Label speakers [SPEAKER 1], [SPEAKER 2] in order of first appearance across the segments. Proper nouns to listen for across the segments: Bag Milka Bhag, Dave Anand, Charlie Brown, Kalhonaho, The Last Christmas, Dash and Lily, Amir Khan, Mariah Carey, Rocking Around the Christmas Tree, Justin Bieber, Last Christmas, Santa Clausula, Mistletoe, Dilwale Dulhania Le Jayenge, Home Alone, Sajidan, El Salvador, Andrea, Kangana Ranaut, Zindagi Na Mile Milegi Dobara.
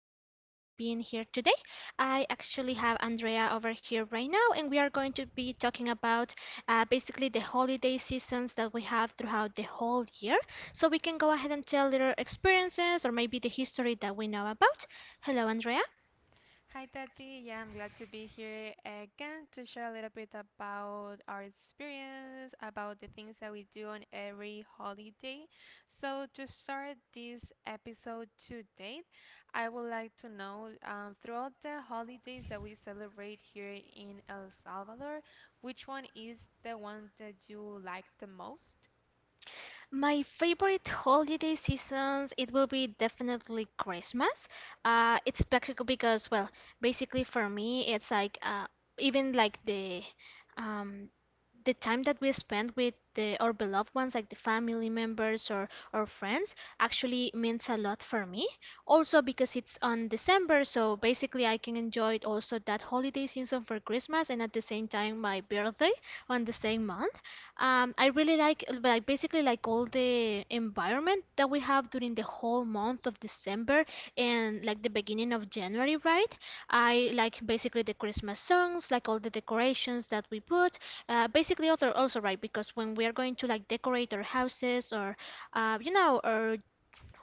[SPEAKER 1] thank you so much for being here today. I actually have Andrea over here right now, and we are going to be talking about basically the holiday seasons that we have throughout the whole year, so we can go ahead and tell little experiences or maybe the history that we know about. Hello, Andrea.
[SPEAKER 2] Hi, Tati. Yeah, I'm glad to be here again to share a little bit about our experience, about the things that we do on every holiday. So, to start this episode to date, I would like to know, throughout the holidays that we celebrate here in El Salvador, which one is the one that you like the most?
[SPEAKER 1] My favorite holiday seasons, it will be definitely Christmas. It's special because, well, basically for me, it's like even like um, the time that we spend with the our beloved ones, like the family members or friends, actually means a lot for me. Also because it's on December, so basically I can enjoy it also that holiday season for Christmas and at the same time my birthday on the same month. I really like basically like all the environment that we have during the whole month of December and like the beginning of January, right? I like basically the Christmas songs, like all the decorations that we put. Basically, other also right, because when we are going to like decorate our houses or, you know, or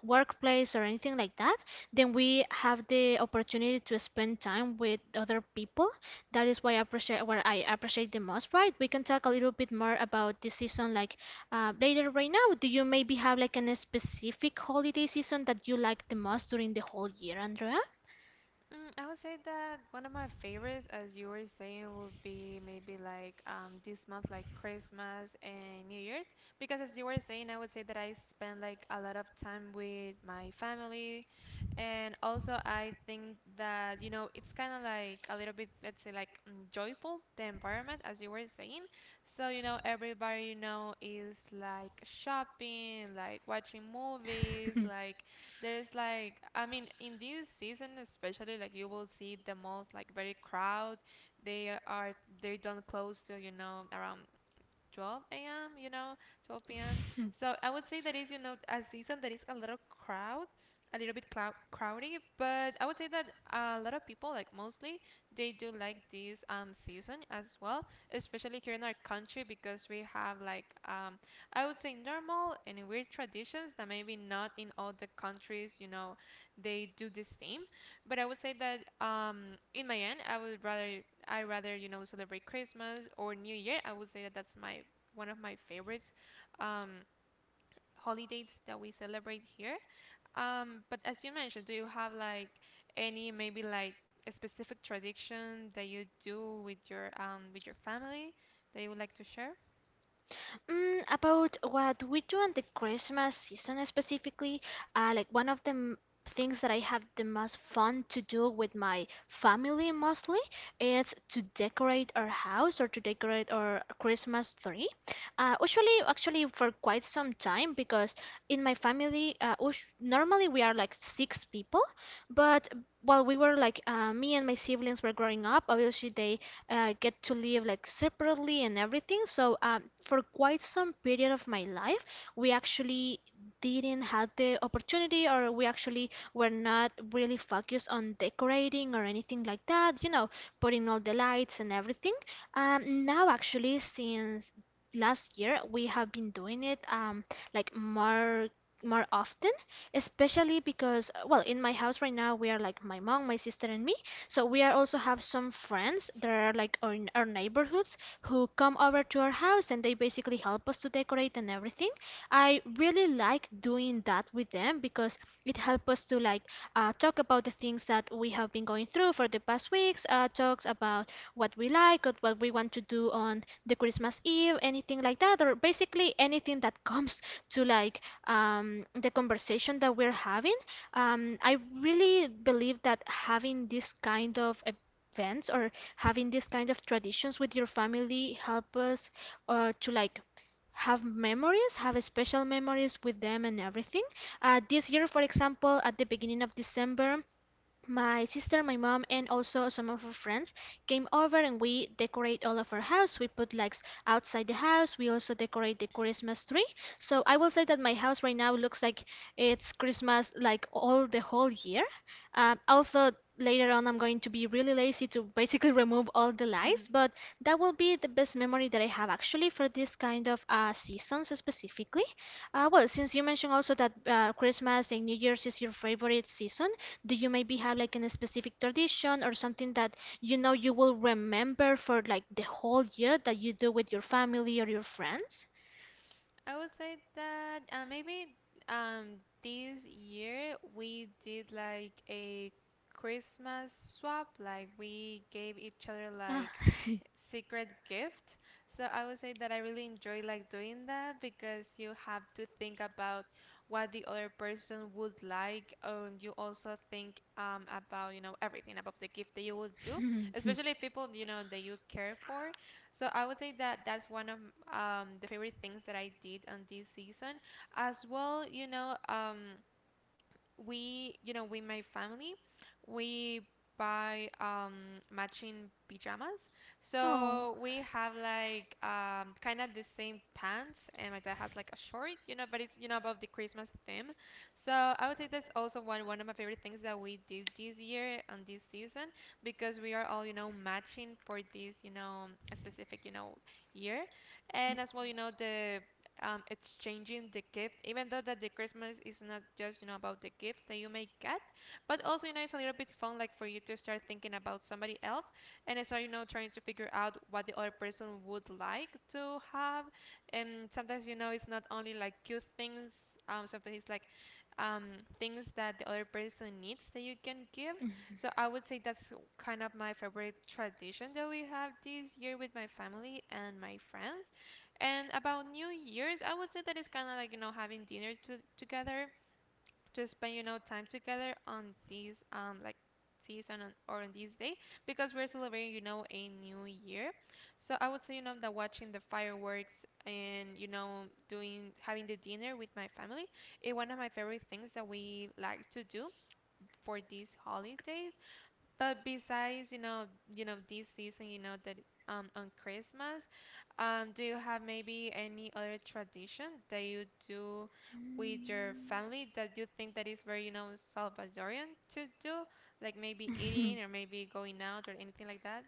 [SPEAKER 1] workplace or anything like that, then we have the opportunity to spend time with other people. That is why I appreciate what I appreciate the most, right? We can talk a little bit more about this season like later right now. Do you maybe have like a specific holiday season that you like the most during the whole year, Andrea?
[SPEAKER 2] I would say that one of my favorites, as you were saying, would be maybe like, this month, like Christmas and New Year's. Because as you were saying, I would say that I spend like a lot of time with my family. And also, I think that, you know, it's kind of like a little bit, let's say, like, joyful, the environment, as you were saying. So, you know, everybody, you know, is like shopping, like watching movies, like there's like, I mean, in this season especially, like you will see the malls like very crowd. They are they don't close till, you know, around 12 a.m., you know, 12 p.m. So I would say that is, you know, a season that is a little crowd, a little bit clou crowdy, but I would say that a lot of people, like mostly, they do like this, season as well, especially here in our country because we have like, I would say normal and weird traditions that maybe not in all the countries, you know, they do the same. But I would say that, in my end, I rather, you know, celebrate Christmas or New Year. I would say that that's my one of my favorites, um, holidays that we celebrate here. But as you mentioned, do you have like any, maybe like a specific tradition that you do with your, with your family that you would like to share?
[SPEAKER 1] Mm, about what we do in the Christmas season specifically, like one of the things that I have the most fun to do with my family mostly is to decorate our house or to decorate our Christmas tree. Usually, actually, for quite some time, because in my family, normally we are like six people, but while we were like me and my siblings were growing up, obviously they get to live like separately and everything. So for quite some period of my life, we actually didn't have the opportunity, or we actually were not really focused on decorating or anything like that, you know, putting all the lights and everything. Now, actually, since last year, we have been doing it like more often, especially because well, in my house right now we are like my mom, my sister, and me, so we are also have some friends that are like in our neighborhoods who come over to our house and they basically help us to decorate and everything. I really like doing that with them because it helps us to like talk about the things that we have been going through for the past weeks, talks about what we like or what we want to do on the Christmas Eve, anything like that, or basically anything that comes to like the conversation that we're having. I really believe that having this kind of events or having this kind of traditions with your family help us to like have memories, have special memories with them and everything. This year, for example, at the beginning of December, my sister, my mom, and also some of her friends came over and we decorate all of our house. We put lights outside the house. We also decorate the Christmas tree. So I will say that my house right now looks like it's Christmas like all the whole year. Also, later on, I'm going to be really lazy to basically remove all the lights, but that will be the best memory that I have actually for this kind of seasons specifically. Well, since you mentioned also that Christmas and New Year's is your favorite season, do you maybe have like in a specific tradition or something that you know you will remember for like the whole year that you do with your family or your friends?
[SPEAKER 2] I would say that, maybe, this year we did like a Christmas swap. Like we gave each other
[SPEAKER 1] Ah,
[SPEAKER 2] like secret gift. So I would say that I really enjoy like doing that because you have to think about what the other person would like. You also think, about, you know, everything about the gift that you would do, especially people, you know, that you care for. So I would say that that's one of, the favorite things that I did on this season as well, you know. We, you know, with my family, we buy, matching pajamas.
[SPEAKER 1] Oh.
[SPEAKER 2] So we have like, kind of the same pants, and my dad has like a short, you know, but it's, you know, about the Christmas theme. So I would say that's also one of my favorite things that we did this year and this season because we are all, you know, matching for this, you know, specific, you know, year. And as well, you know, the, exchanging the gift, even though that the Christmas is not just, you know, about the gifts that you may get, but also, you know, it's a little bit fun like for you to start thinking about somebody else and start, you know, trying to figure out what the other person would like to have. And sometimes, you know, it's not only like cute things. Sometimes it's like, um, things that the other person needs that you can give.
[SPEAKER 1] Mhm.
[SPEAKER 2] So I would say that's kind of my favorite tradition that we have this year with my family and my friends. And about New Year's, I would say that it's kind of like, you know, having dinners together to spend, you know, time together on these, like season or on this day because we're celebrating, you know, a new year. So I would say, you know, that watching the fireworks and, you know, doing having the dinner with my family is one of my favorite things that we like to do for this holiday. But besides, you know, this season, you know, that, on Christmas, do you have maybe any other tradition that you do with your family that you think that is very, you know, Salvadorian to do? Like maybe
[SPEAKER 1] Mm.
[SPEAKER 2] eating or maybe going out or anything like that?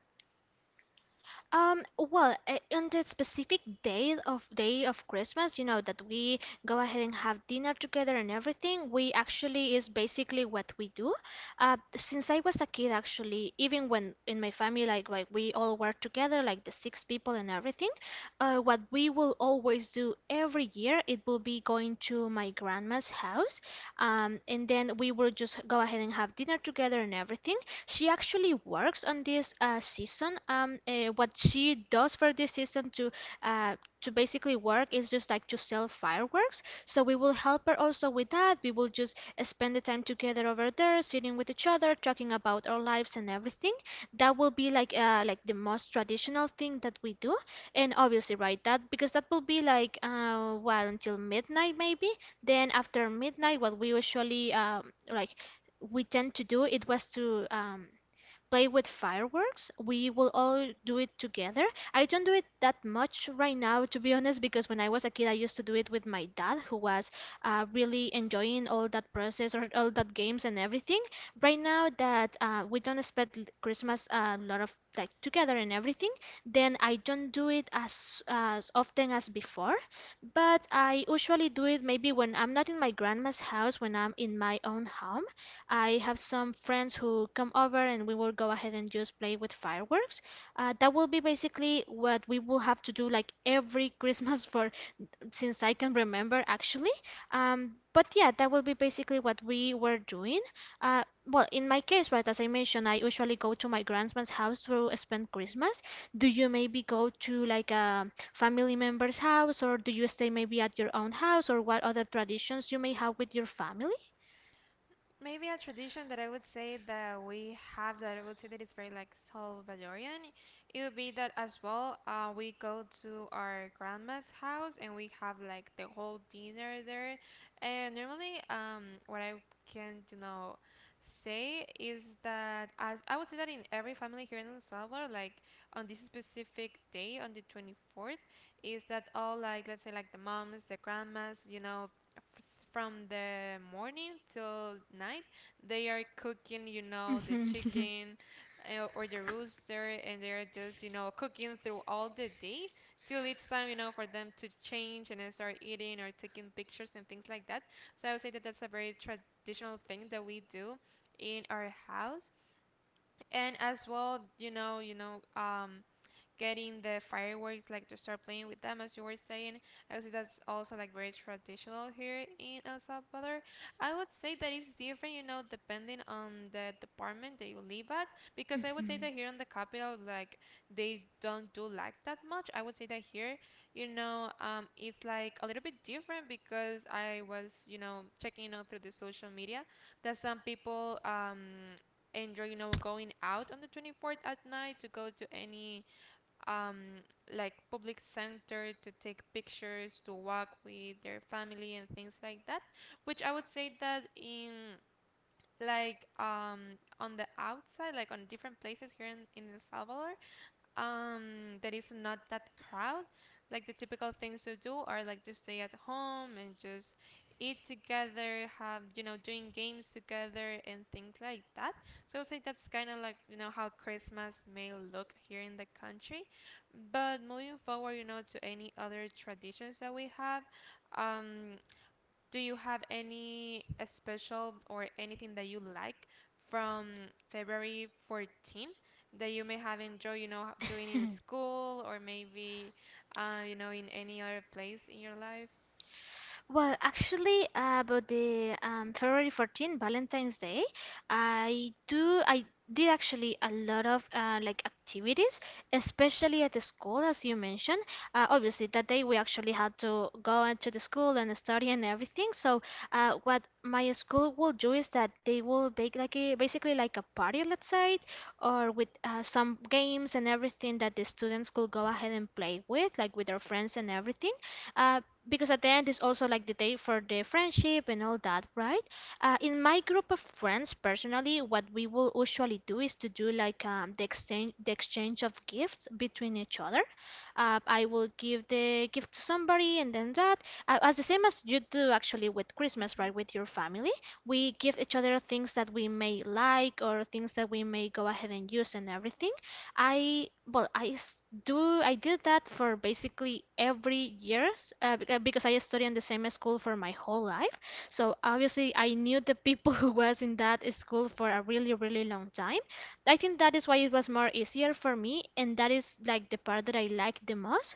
[SPEAKER 1] Well, on the specific day of Christmas, you know, that we go ahead and have dinner together and everything, we actually is basically what we do. Since I was a kid, actually, even when in my family, like, we all were together, like the six people and everything, what we will always do every year, it will be going to my grandma's house and then we will just go ahead and have dinner together and everything. She actually works on this season. What she does for this season uh, to basically work is just like to sell fireworks. So we will help her also with that. We will just spend the time together over there, sitting with each other, talking about our lives and everything. That will be like the most traditional thing that we do. And obviously, right, that because that will be like what, until midnight maybe. Then after midnight, what we usually like we tend to do it was to play with fireworks. We will all do it together. I don't do it that much right now, to be honest, because when I was a kid, I used to do it with my dad, who was really enjoying all that process or all that games and everything. Right now that we don't spend Christmas a lot of like together and everything, then I don't do it as often as before. But I usually do it maybe when I'm not in my grandma's house, when I'm in my own home, I have some friends who come over and we will go ahead and just play with fireworks. That will be basically what we will have to do like every Christmas for since I can remember actually. But yeah, that will be basically what we were doing. Well, in my case, right, as I mentioned, I usually go to my grandma's house to spend Christmas. Do you maybe go to like a family member's house, or do you stay maybe at your own house, or what other traditions you may have with your family?
[SPEAKER 2] Maybe a tradition that I would say that we have, that I would say that it's very like Salvadorian, it would be that as well, we go to our grandma's house and we have like the whole dinner there. And normally, what I can, you know, say is that, as I would say that in every family here in El Salvador, like on this specific day on the 24th, is that all, like let's say, like the moms, the grandmas, you know, from the morning till night they are cooking, you know, the
[SPEAKER 1] Mhm.
[SPEAKER 2] chicken, or the rooster, and they're just, you know, cooking through all the day till it's time, you know, for them to change and then start eating or taking pictures and things like that. So I would say that that's a very traditional thing that we do in our house. And as well, you know, getting the fireworks, like to start playing with them, as you were saying. I see that's also like very traditional here in El Salvador. I would say that it's different, you know, depending on the department that you live at, because I would say
[SPEAKER 1] Mhm.
[SPEAKER 2] that here in the capital, like they don't do like that much. I would say that here, you know, it's like a little bit different because I was, you know, checking out through the social media that some people enjoy, you know, going out on the 24th at night to go to any, um, like public center to take pictures, to walk with their family and things like that. Which I would say that in like, on the outside, like on different places here in El Salvador, there is not that crowd. Like the typical things to do are like to stay at home and just eat together, have, you know, doing games together and things like that. So I would say that's kind of like, you know, how Christmas may look here in the country. But moving forward, you know, to any other traditions that we have, um, do you have any, special or anything that you like from February 14th that you may have enjoyed, you know, doing in school or maybe, you know, in any other place in your life?
[SPEAKER 1] Well, actually, about the February 14, Valentine's Day, I do I did actually a lot of like activities, especially at the school, as you mentioned. Obviously, that day we actually had to go into the school and study and everything. So, what my school will do is that they will make like a basically like a party, let's say, or with some games and everything that the students could go ahead and play with, like with their friends and everything. Uh, because at the end is also like the day for the friendship and all that, right? In my group of friends, personally, what we will usually do is to do like the exchange of gifts between each other. I will give the gift to somebody, and then that, as the same as you do actually with Christmas,
[SPEAKER 2] Mhm.
[SPEAKER 1] right? With your family, we give each other things that we may like or things that we may go ahead and use and everything. I well I do I did that for basically every years because I studied in the same school for my whole life. So obviously I knew the people who was in that school for a really really long time. I think that is why it was more easier for me, and that is like the part that I like the most.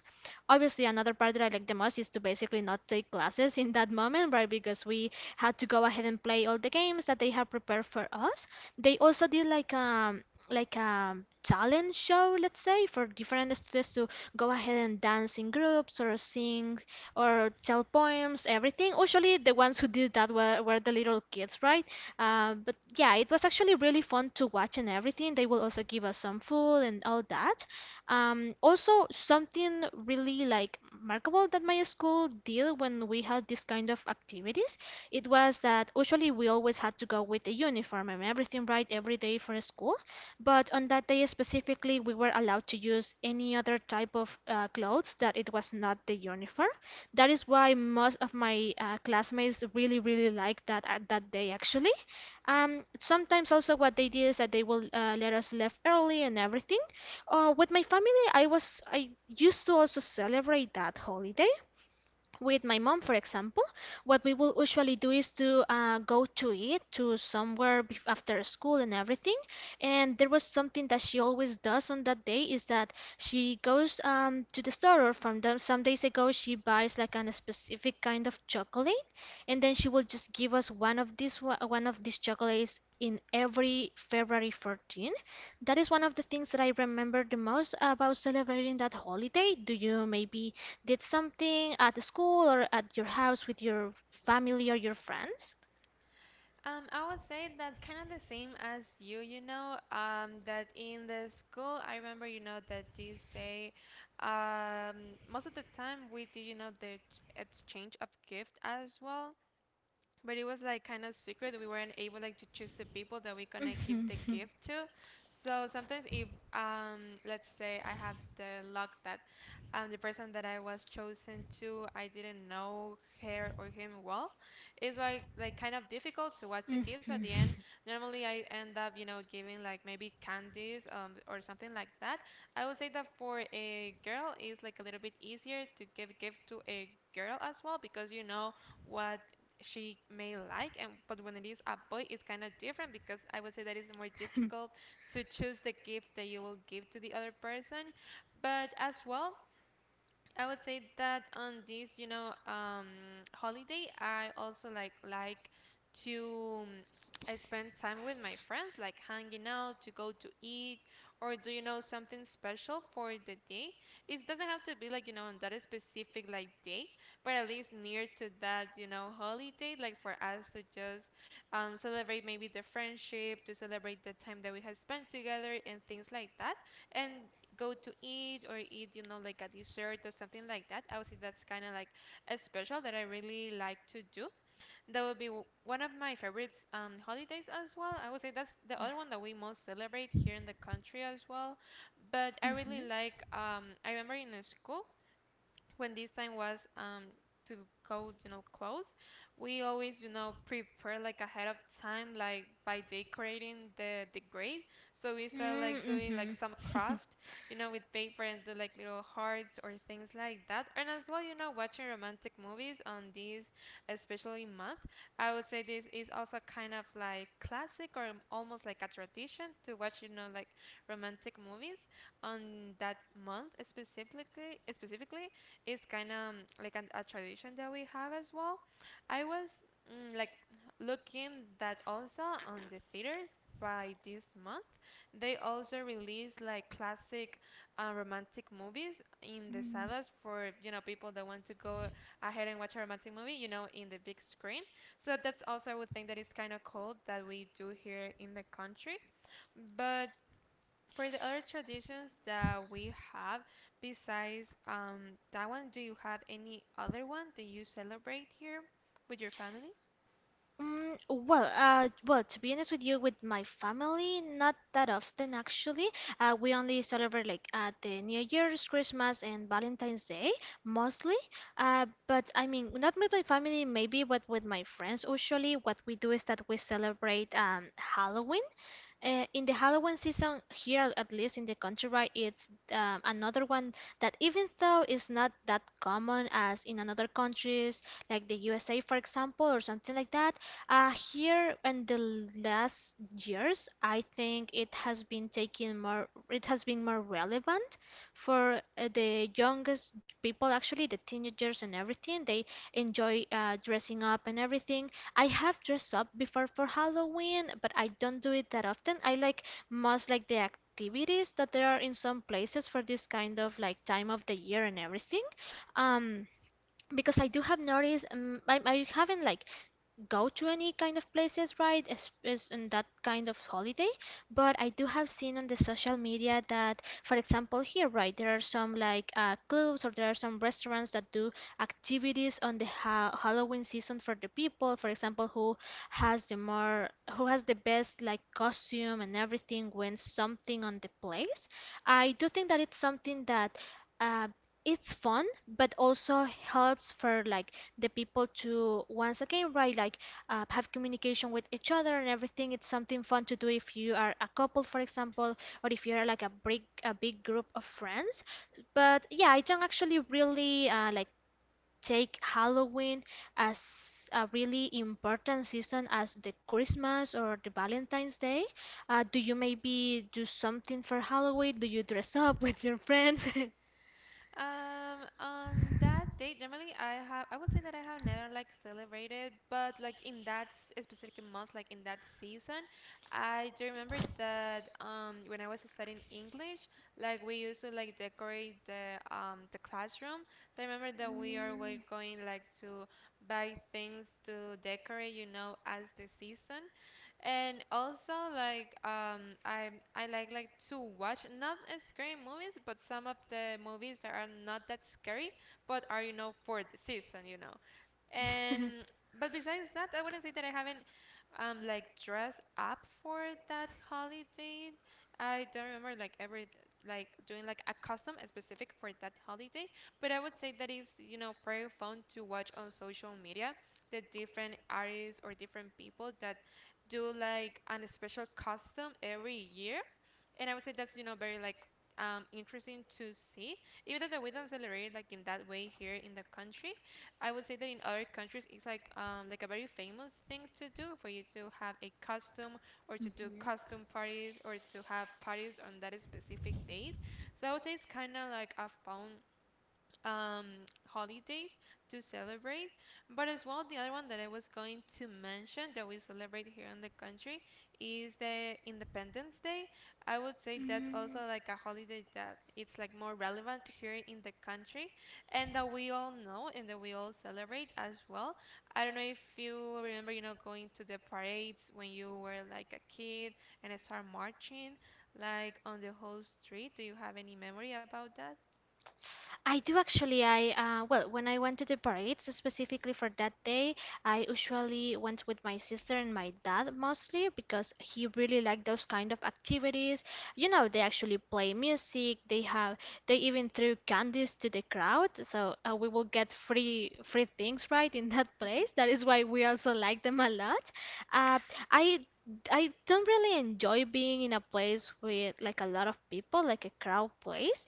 [SPEAKER 1] Obviously, another part that I like the most is to basically not take classes in that moment, right? Because we had to go ahead and play all the games that they have prepared for us. They also did like a talent show, let's say, for different students to go ahead and dance in groups or sing or tell poems, everything. Usually, the ones who did that were the little kids, right? But yeah, it was actually really fun to watch and everything. They will also give us some food and all that. Also, something really like remarkable that my school did when we had this kind of activities, it was that usually we always had to go with a uniform and everything, right, every day for school, but on that day specifically, we were allowed to use any other type of clothes that it was not the uniform. That is why most of my classmates really, really liked that that day actually. Sometimes also what they did is that they will let us leave early and everything. With my family, I used to also celebrate that holiday with my mom. For example, what we will usually do is to go to eat to somewhere after school and everything. And there was something that she always does on that day, is that she goes to the store. Or from the, some days ago, she buys like a specific kind of chocolate, and then she will just give us one of these one of these chocolates in every February 14. That is one of the things that I remember the most about celebrating that holiday. Do you maybe? Did something at the school or at your house with your family or your friends?
[SPEAKER 2] I would say that kind of the same as you, you know, that in the school, I remember, you know, that this day, most of the time we did, you know, the exchange of gift as well. But it was like kind of secret. We weren't able like to choose the people that we're gonna give the
[SPEAKER 1] Mhm.
[SPEAKER 2] gift to. So sometimes, if let's say I have the luck that, the person that I was chosen to, I didn't know her or him well. It's like kind of difficult to what to give. So at
[SPEAKER 1] Mhm.
[SPEAKER 2] the end, normally I end up, you know, giving like maybe candies, or something like that. I would say that for a girl, it's like a little bit easier to give gift to a girl as well because you know what she may like, and but when it is a boy, it's kind of different because I would say that it's more difficult to choose the gift that you will give to the other person. But as well, I would say that on this, you know, holiday, I also like to I spend time with my friends, like hanging out, to go to eat, or do, you know, something special for the day? It doesn't have to be like, you know, on that specific like day, but at least near to that, you know, holiday, like for us to just, celebrate maybe the friendship, to celebrate the time that we have spent together and things like that. And go to eat or eat, you know, like a dessert or something like that. I would say that's kind of like a special that I really like to do. That would be one of my favorites, holidays as well. I would say that's the other one that we most celebrate here in the country as well. But I really
[SPEAKER 1] Mhm.
[SPEAKER 2] I remember in school, when this time was, to go, you know, close, we always, you know, prepare like ahead of time, like by decorating the grade. So we start
[SPEAKER 1] Mm,
[SPEAKER 2] like doing like
[SPEAKER 1] mhm.
[SPEAKER 2] some craft, you know, with paper and do like little hearts or things like that. And as well, you know, watching romantic movies on this, especially month, I would say this is also kind of like classic or almost like a tradition to watch, you know, like romantic movies on that month specifically is kind of like a tradition that we have as well. I was like looking that also on the theaters by this month they also release like classic romantic movies in the
[SPEAKER 1] Mm.
[SPEAKER 2] salas for, you know, people that want to go ahead and watch a romantic movie, you know, in the big screen. So that's also, I would think that is kind of cool that we do here in the country. But for the other traditions that we have, besides that one, do you have any other one that you celebrate here with your family?
[SPEAKER 1] Well, to be honest with you, with my family, not that often actually. We only celebrate like at the New Year's, Christmas, and Valentine's Day mostly. But I mean, not with my family, maybe, but with my friends. Usually, what we do is that we celebrate Halloween. In the Halloween season here, at least in the country, right, it's another one that even though it's not that common as in another countries like the USA, for example, or something like that. Here in the last years, I think it has been taking more, it has been more relevant for the youngest people, actually the teenagers and everything. They enjoy dressing up and everything. I have dressed up before for Halloween, but I don't do it that often. I like most like the activities that there are in some places for this kind of like time of the year and everything. Um, because I do have noticed, I haven't like go to any kind of places, right? Is in that kind of holiday. But I do have seen on the social media that, for example, here, right, there are some like clubs or there are some restaurants that do activities on the ha Halloween season for the people. For example, who has the more, who has the best like costume and everything wins something on the place. I do think that it's something that. Uh, it's fun but also helps for like the people to once again, right, like have communication with each other, and everything, it's something fun to do if you are a couple, for example, or if you're like a big group of friends. But yeah, I don't actually really like take Halloween as a really important season as the Christmas or the Valentine's Day. Do you maybe do something for Halloween? Do you dress up with your friends?
[SPEAKER 2] On that date, normally I would say that I have never like celebrated, but like in that specific month, like in that season, I do remember that when I was studying English, like we used to like decorate the classroom. So I remember that we are were going like to buy things to decorate, you know, as the season. And also like I like to watch not scary movies, but some of the movies that are not that scary, but are, you know, for the season, you know.
[SPEAKER 1] Mm.
[SPEAKER 2] And but besides that, I wouldn't say that I haven't like dressed up for that holiday. I don't remember like every like doing like a custom specific for that holiday, but I would say that is, you know, pretty fun to watch on social media the different artists or different people that do like an special custom every year. And I would say that's, you know, very like interesting to see. Even though we don't celebrate it, like in that way here in the country, I would say that in other countries it's like a very famous thing to do for you to have a costume or to do
[SPEAKER 1] Mhm.
[SPEAKER 2] costume parties or to have parties on that specific date. So I would say it's kind of like a fun holiday to celebrate. But as well, the other one that I was going to mention that we celebrate here in the country is the Independence Day. I would say that's
[SPEAKER 1] Mm,
[SPEAKER 2] also like a holiday that it's like more relevant here in the country and that we all know and that we all celebrate as well. I don't know if you remember, you know, going to the parades when you were like a kid and start marching like on the whole street. Do you have any memory about that?
[SPEAKER 1] I do actually. I, well, when I went to the parades specifically for that day, I usually went with my sister and my dad mostly because he really liked those kind of activities. You know, they actually play music. They even threw candies to the crowd, so we will get free things right in that place. That is why we also like them a lot. Uh, I I don't really enjoy being in a place with like a lot of people, like a crowd place.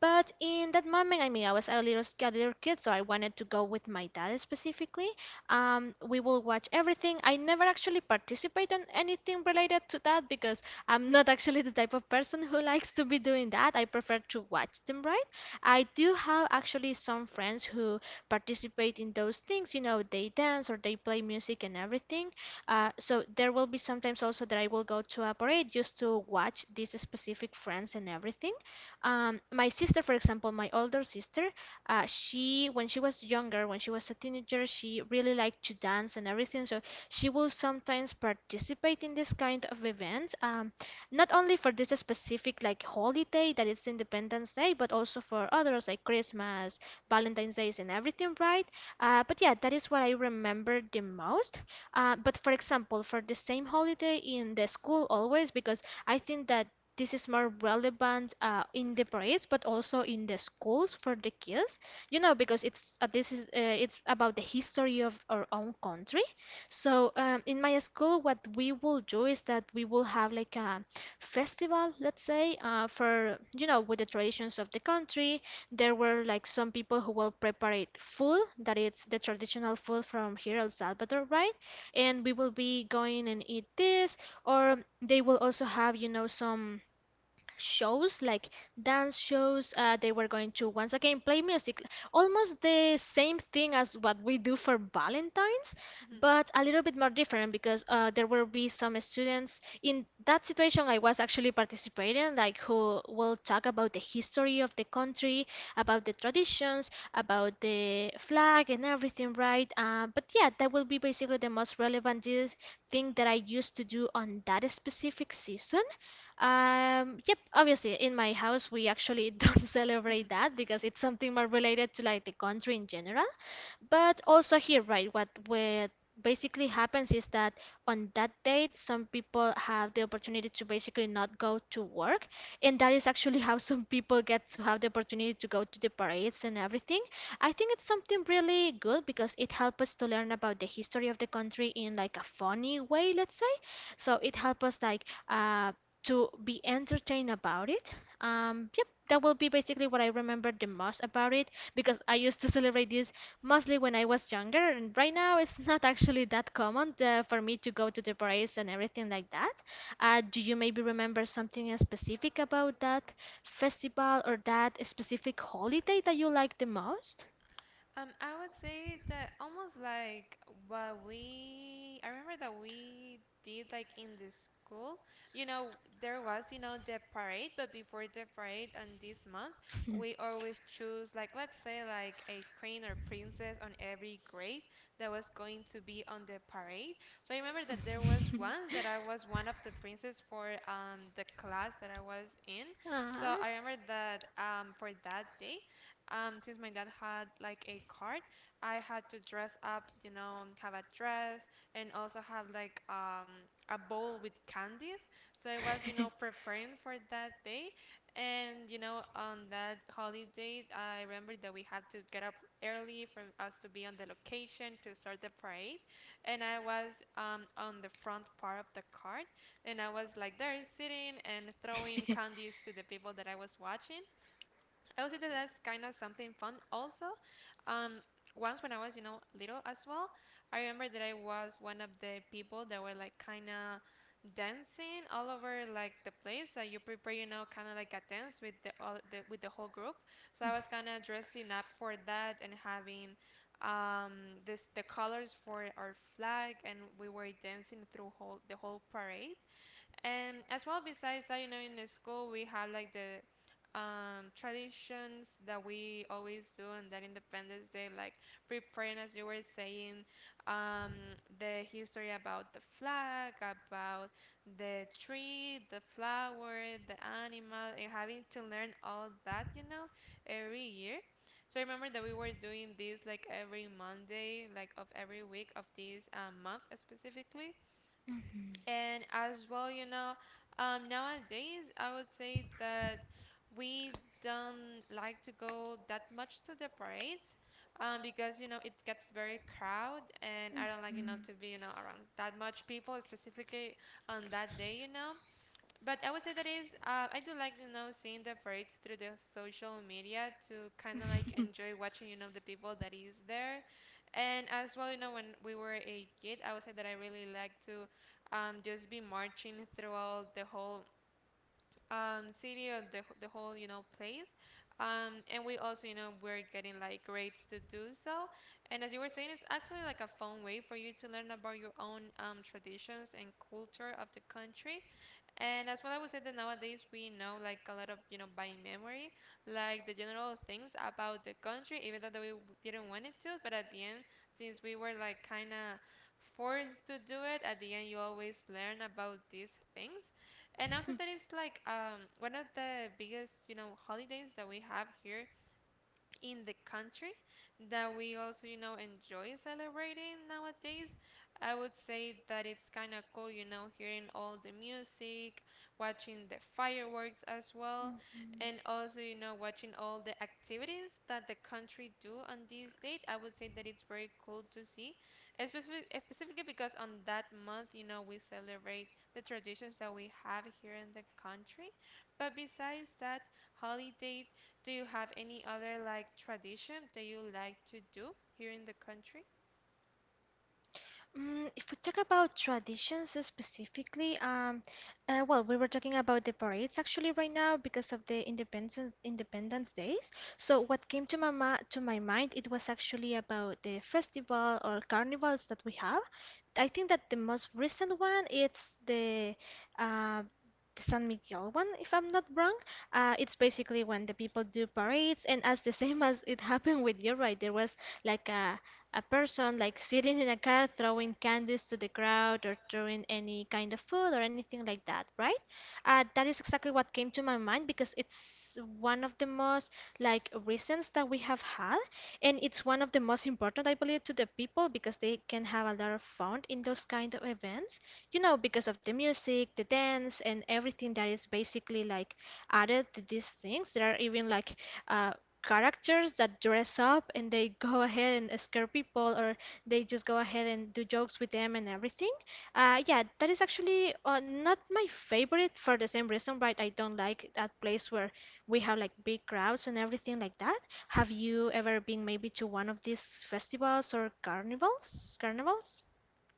[SPEAKER 1] But in that moment, I mean, I was a a little kid, so I wanted to go with my dad specifically. We will watch everything. I never actually participate in anything related to that because I'm not actually the type of person who likes to be doing that. I prefer to watch them, right? I do have actually some friends who participate in those things. You know, they dance or they play music and everything. So there will be sometimes also that I will go to a parade just to watch these specific friends and everything. My sister, for example, my older sister, she when she was younger, when she was a teenager, she really liked to dance and everything. So she will sometimes participate in this kind of events, not only for this specific like holiday that is Independence Day, but also for others like Christmas, Valentine's Days, and everything, right? But yeah, that is what I remember the most. But for example, for the same holiday in the school always, because I think that this is more relevant in the parades but also in the schools for the kids, you know, because it's this is it's about the history of our own country. In my school, what we will do is that we will have like a festival, let's say, for, you know, with the traditions of the country. There were like some people who will prepare food that it's the traditional food from here, El Salvador, right, and we will be going and eat this. Or they will also have, you know, some shows like dance shows. They were going to once again play music, almost the same thing as what we do for Valentines, but a little bit more different, because there will be some students, in that situation I was actually participating, like who will talk about the history of the country, about the traditions, about the flag, and everything, right? But yeah, that will be basically the most relevant thing that I used to do on that specific season. Yep, obviously, in my house, we actually don't celebrate that because it's something more related to like the country in general. But also here, right, what basically happens is that on that date, some people have the opportunity to basically not go to work, and that is actually how some people get to have the opportunity to go to the parades and everything. I think it's something really good because it helps us to learn about the history of the country in like a funny way, let's say. So it helps us like to be entertained about it. Yep, that will be basically what I remember the most about it because I used to celebrate this mostly when I was younger, and right now it's not actually that common for me to go to the parades and everything like that. Do you maybe remember something specific about that festival or that specific holiday that you like the most?
[SPEAKER 2] I would say that almost like what we, I remember that we did like in the school, you know, there was, you know, the parade. But before the parade on this month, we always choose like, let's say like a queen or princess on every grade that was going to be on the parade. So I remember that there was once that I was one of the princes for the class that I was in.
[SPEAKER 1] Ah.
[SPEAKER 2] So I remember that for that day since my dad had like a card, I had to dress up, you know, have a dress and also have like a bowl with candies. So I was, you know, preparing for that day. And, you know, on that holiday, I remember that we had to get up early for us to be on the location to start the parade. And I was on the front part of the cart and I was like there sitting and throwing candies to the people that I was watching. I would say that that's kind of something fun. Also, um, once when I was, you know, little as well, I remember that I was one of the people that were like kind of dancing all over like the place that you prepare, you know, kind of like a dance with the, all, the with the whole group. So I was kind of dressing up for that and having this the colors for our flag and we were dancing through whole the whole parade. And as well, besides that, you know, in the school we had like the traditions that we always do on that Independence Day, like preparing, as you were saying, the history about the flag, about the tree, the flower, the animal, and having to learn all that, you know, every year. So I remember that we were doing this like every Monday, like of every week of this month specifically.
[SPEAKER 1] Mhm.
[SPEAKER 2] And as well, you know, nowadays I would say that we don't like to go that much to the parades because you know it gets very crowded, and I don't like, you know,
[SPEAKER 1] Mhm.
[SPEAKER 2] to be, you know, around that much people specifically on that day, you know. But I would say that is, I do like, you know, seeing the parades through the social media to kind of like enjoy watching, you know, the people that is there. And as well, you know, when we were a kid, I would say that I really like to just be marching throughout the whole city or the whole, you know, place. And we also, you know, we're getting like grades to do so. And as you were saying, it's actually like a fun way for you to learn about your own traditions and culture of the country. And as well, I would say that nowadays we know like a lot of, you know, by memory, like the general things about the country, even though that didn't want it to. But at the end, since we were like kind of forced to do it, at the end you always learn about these things. And also that is like one of the biggest, you know, holidays that we have here in the country that we also, you know, enjoy celebrating nowadays. I would say that it's kind of cool, you know, hearing all the music, watching the fireworks as well,
[SPEAKER 1] Mhm.
[SPEAKER 2] and also, you know, watching all the activities that the country do on this date. I would say that it's very cool to see, especially specifically because on that month, you know, we celebrate the traditions that we have here in the country. But besides that holiday, do you have any other like tradition that you like to do here in the country?
[SPEAKER 1] If we talk about traditions specifically, well, we were talking about the parades actually right now because of the Independence Days. So what came to my ma to my mind, it was actually about the festival or carnivals that we have. I think that the most recent one it's uh, the San Miguel one, if I'm not wrong. It's basically when the people do parades, and as the same as it happened with you, right? There was like a person like sitting in a car throwing candies to the crowd, or throwing any kind of food or anything like that, right? That is exactly what came to my mind because it's one of the most like reasons that we have had, and it's one of the most important, I believe, to the people, because they can have a lot of fun in those kind of events, you know, because of the music, the dance, and everything that is basically like added to these things. There are even like uh, characters that dress up and they go ahead and scare people, or they just go ahead and do jokes with them and everything. Yeah, that is actually not my favorite for the same reason, right? I don't like that place where we have like big crowds and everything like that. Have you ever been maybe to one of these festivals or carnivals?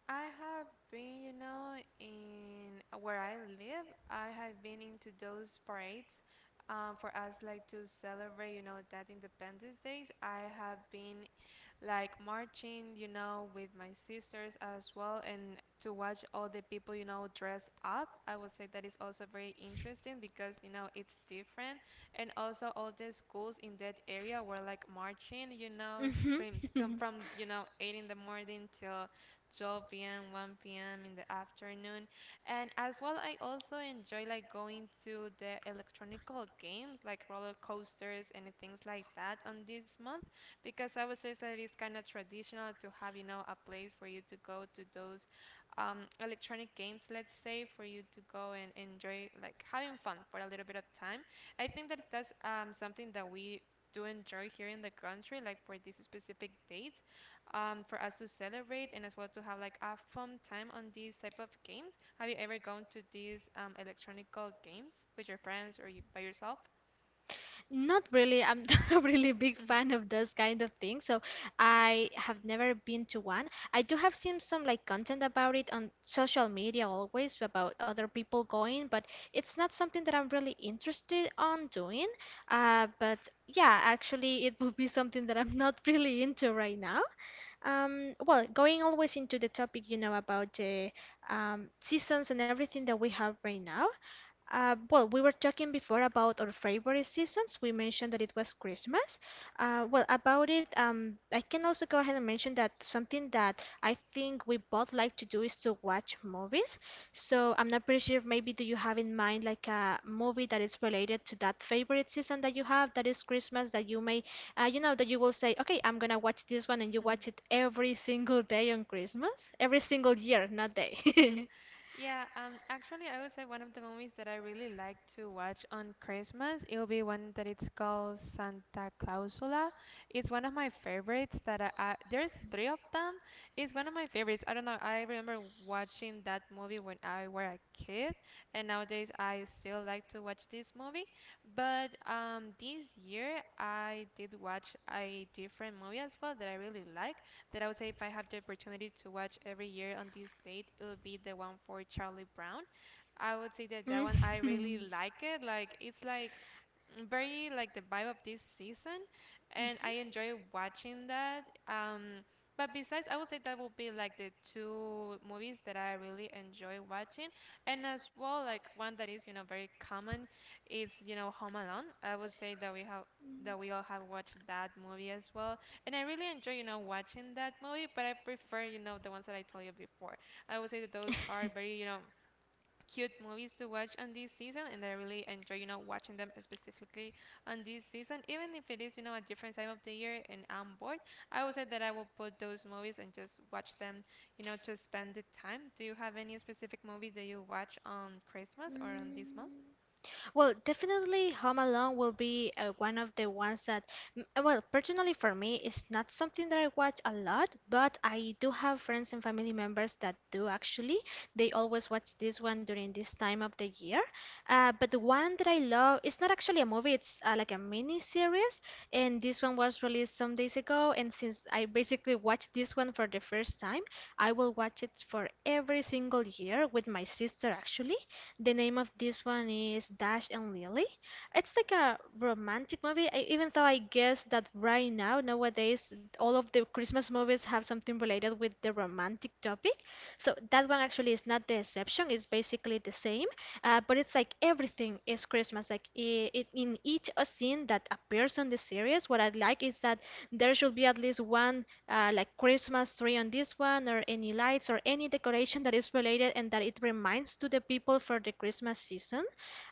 [SPEAKER 2] You know, in where I live, I have been into those parades for us like to celebrate, you know, that Independence Days. I have been like marching, you know, with my sisters as well, and to watch all the people, you know, dress up. I would say that is also very interesting because, you know, it's different. And also all the schools in that area were like marching, you know,
[SPEAKER 1] Mhm.
[SPEAKER 2] from, you know, 8 in the morning till 12 p.m., 1 p.m. in the afternoon. And as well, I also enjoy like going to the electronical games like roller coasters and things like that on this month because I would say that it is kind of traditional to have, you know, a place for you to go to those electronic games, let's say, for you to go and enjoy, like having fun for a little bit of time. I think that that's something that we do enjoy here in the country, like for this specific date, for us to celebrate and as well to have like a fun time on these type of games. Have you ever gone to these electronic games with your friends or you, by yourself?
[SPEAKER 1] Not really. I'm not a really big fan of those kind of things, so I have never been to one. I do have seen some like content about it on social media always about other people going, but it's not something that I'm really interested on doing. But yeah, actually, it would be something that I'm not really into right now. Well, going always into the topic, you know, about the seasons and everything that we have right now. Well, we were talking before about our favorite seasons. We mentioned that it was Christmas. Well, about it, I can also go ahead and mention that something that I think we both like to do is to watch movies. So I'm not pretty sure if maybe do you have in mind like a movie that is related to that favorite season that you have, that is Christmas, that you may, that you will say, okay, I'm gonna watch this one, and you watch it every single day on Christmas, every single year, not day.
[SPEAKER 2] Yeah, actually, I would say one of the movies that I really like to watch on Christmas, it'll be one that it's called Santa Clausula. It's one of my favorites that I there's three of them. It's one of my favorites. I don't know, I remember watching that movie when I were a kid, and nowadays I still like to watch this movie. But this year I did watch a different movie as well that I really like that I would say if I have the opportunity to watch every year on this date, it would be the one for Charlie Brown. I would say that that one I
[SPEAKER 1] Mhm.
[SPEAKER 2] really like it. Like it's like very like the vibe of this season, and I enjoy watching that. But besides, I would say that would be like the two movies that I really enjoy watching, and as well like one that is, you know, very common is, you know, Home Alone. I would say that we all have watched that movie as well, and I really enjoy, you know, watching that movie. But I prefer, you know, the ones that I told you before. I would say that those are very cute movies to watch on this season, and I really enjoy watching them specifically on this season. Even if it is a different time of the year and I'm bored, I would say that I will put those movies and just watch them, to spend the time. Do you have any specific movie that you watch on Christmas or on this month?
[SPEAKER 1] Mm. Well, definitely Home Alone will be one of the ones that, well, personally for me, it's not something that I watch a lot, but I do have friends and family members that do actually. They always watch this one during this time of the year. But the one that I love, it's not actually a movie, it's like a mini series. And this one was released some days ago. And since I basically watched this one for the first time, I will watch it for every single year with my sister actually. The name of this one is Dash and Lily. It's like a romantic movie, even though I guess that right now, nowadays, all of the Christmas movies have something related with the romantic topic. So that one actually is not the exception, it's basically the same. But it's like everything is Christmas. Like I it, in each scene that appears on the series, what I like is that there should be at least one like Christmas tree on this one, or any lights, or any decoration that is related and that it reminds to the people for the Christmas season.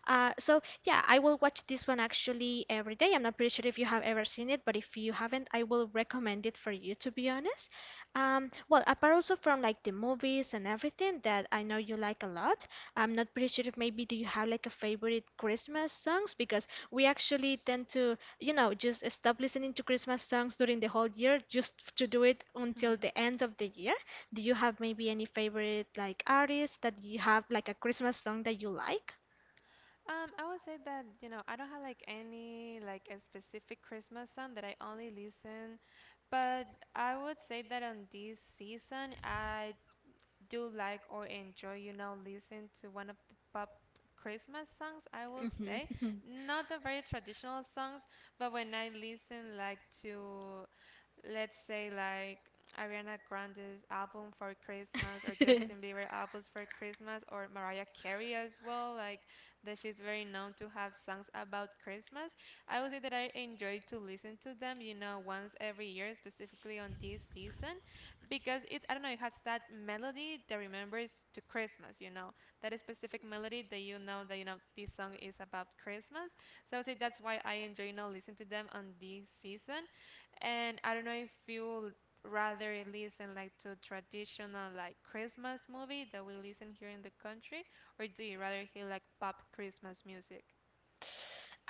[SPEAKER 1] So yeah, I will watch this one actually every day. I'm not pretty sure if you have ever seen it, but if you haven't, I will recommend it for you, to be honest. Well, apart also from like the movies and everything that I know you like a lot, I'm not pretty sure if maybe do you have like a favorite Christmas songs, because we actually tend to, you know, just stop listening to Christmas songs during the whole year just to do it until the end of the year. Do you have maybe any favorite like artists that you have like a Christmas song that you like?
[SPEAKER 2] I would say that I don't have like any like a specific Christmas song that I only listen, but I would say that on this season I do like or enjoy listen to one of the pop Christmas songs, I will say.
[SPEAKER 1] Mhm.
[SPEAKER 2] Not the very traditional songs, but when I listen like to, let's say, like Ariana Grande's album for Christmas, or Justin Bieber albums for Christmas, or Mariah Carey as well, like that she's very known to have songs about Christmas. I would say that I enjoy to listen to them once every year, specifically on this season, because, it, I don't know, it has that melody that remembers to Christmas, that specific melody, that you know this song is about Christmas. So I would say that's why I enjoy listen to them on this season. And I don't know if you rather listen like to traditional like Christmas movie that we listen here in the country, or do you rather hear like pop Christmas music?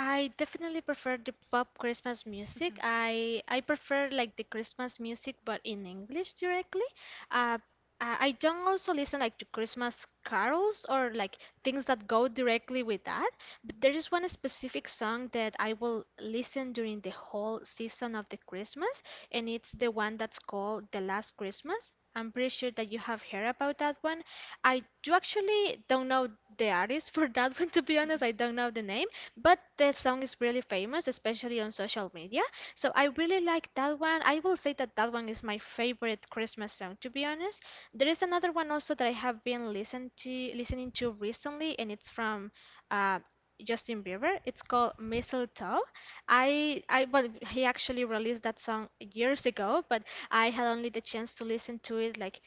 [SPEAKER 1] I definitely prefer the pop Christmas music. I prefer like the Christmas music, but in English directly. Uh, I don't also listen like to Christmas carols or like things that go directly with that. But there is one specific song that I will listen during the whole season of the Christmas, and it's the one that's called "The Last Christmas." I'm pretty sure that you have heard about that one. I do actually don't know the artist for that one, to be honest. I don't know the name, but the song is really famous, especially on social media. So I really like that one. I will say that that one is my favorite Christmas song, to be honest. There is another one also that I have been listen to, listening to recently, and it's from uh, Justin Bieber. It's called Mistletoe. I but he actually released that song years ago, but I had only the chance to listen to it like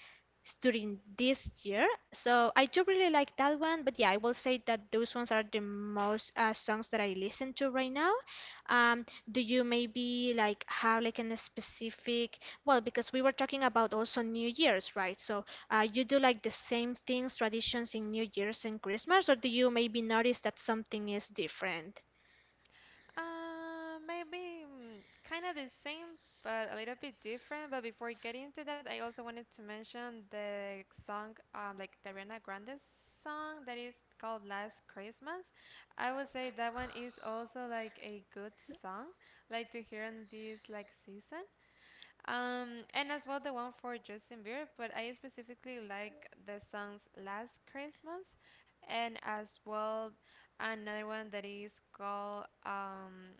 [SPEAKER 1] during this year. So I do really like that one, but yeah, I will say that those ones are the most songs that I listen to right now. Um, do you maybe like have like an specific, well, because we were talking about also New Year's, right? So you do like the same things, traditions in New Year's and Christmas, or do you maybe notice that something is different?
[SPEAKER 2] Maybe kind of the same, but a little bit different. But before getting into that, I also wanted to mention the song, like the Ariana Grande's song that is called Last Christmas. I would say that one is also like a good song, like to hear in this like season. And as well the one for Justin Bieber, but I specifically like the songs Last Christmas and as well another one that is called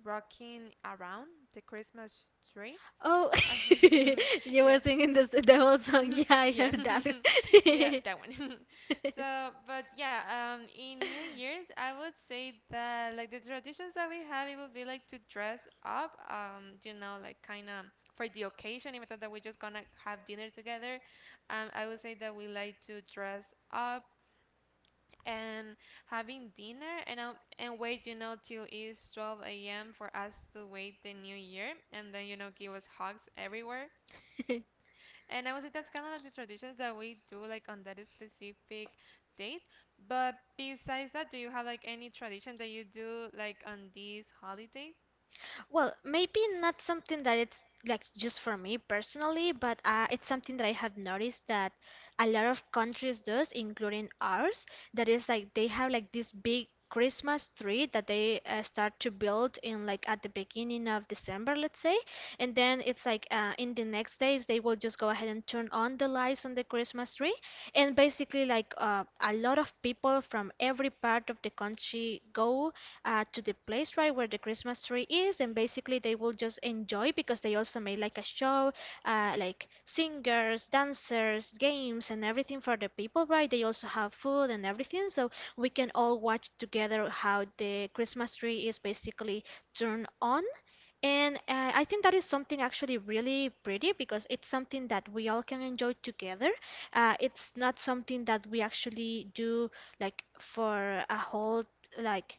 [SPEAKER 2] Rocking Around the Christmas Tree.
[SPEAKER 1] Oh, you
[SPEAKER 2] Yeah,
[SPEAKER 1] were singing this the whole song. Yeah, I
[SPEAKER 2] yeah,
[SPEAKER 1] heard that.
[SPEAKER 2] yeah, that one. So, but yeah, in new year's, I would say that like the traditions that we have, it would be like to dress up, like kind of for the occasion, even though that we're just gonna have dinner together. I would say that we like to dress up and having dinner, and I and wait till it's 12 a.m. for us to wait the new year, and then give us hugs everywhere. And I would say that's kind of like the traditions that we do like on that specific date. But besides that, do you have like any tradition that you do like on these holidays?
[SPEAKER 1] Well, maybe not something that it's like just for me personally, but it's something that I have noticed that a lot of countries does, including ours. That is like they have like this big Christmas tree that they start to build in like at the beginning of December, let's say, and then it's like in the next days they will just go ahead and turn on the lights on the Christmas tree, and basically like a lot of people from every part of the country go to the place right where the Christmas tree is, and basically they will just enjoy because they also made like a show, like singers, dancers, games, and everything for the people, right? They also have food and everything, so we can all watch together how the Christmas tree is basically turned on. And I think that is something actually really pretty because it's something that we all can enjoy together. It's not something that we actually do like for a whole like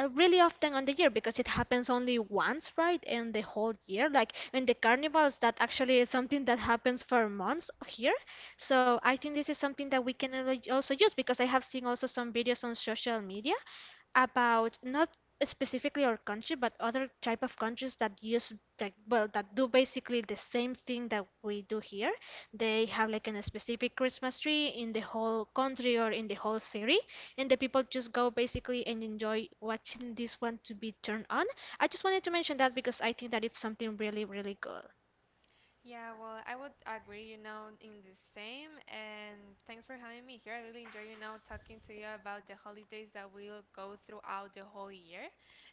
[SPEAKER 1] really often on the year because it happens only once, right? In the whole year, like in the carnivals, that actually is something that happens for months here. So I think this is something that we can also use, because I have seen also some videos on social media about not specifically our country but other type of countries that use, like, well, that do basically the same thing that we do here. They have like a specific Christmas tree in the whole country or in the whole city, and the people just go basically and enjoy watching this one to be turned on. I just wanted to mention that because I think that it's something really, really good.
[SPEAKER 2] Yeah, well, I would agree in the same. And thanks for having me here. I really enjoy talking to you about the holidays that we'll go throughout the whole year.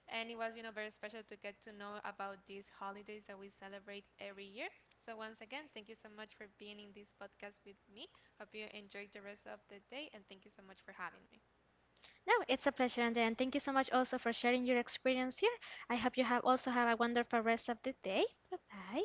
[SPEAKER 2] And it was very special to get to know about these holidays that we celebrate every year. So, once again, thank you so much for being in this podcast with me. Hope you enjoyed the rest of the day, and thank you so much for having me.
[SPEAKER 1] No, it's a pleasure, Andrea, and thank you so much also for sharing your experience here. I hope you have also have a wonderful rest of the day. Bye bye.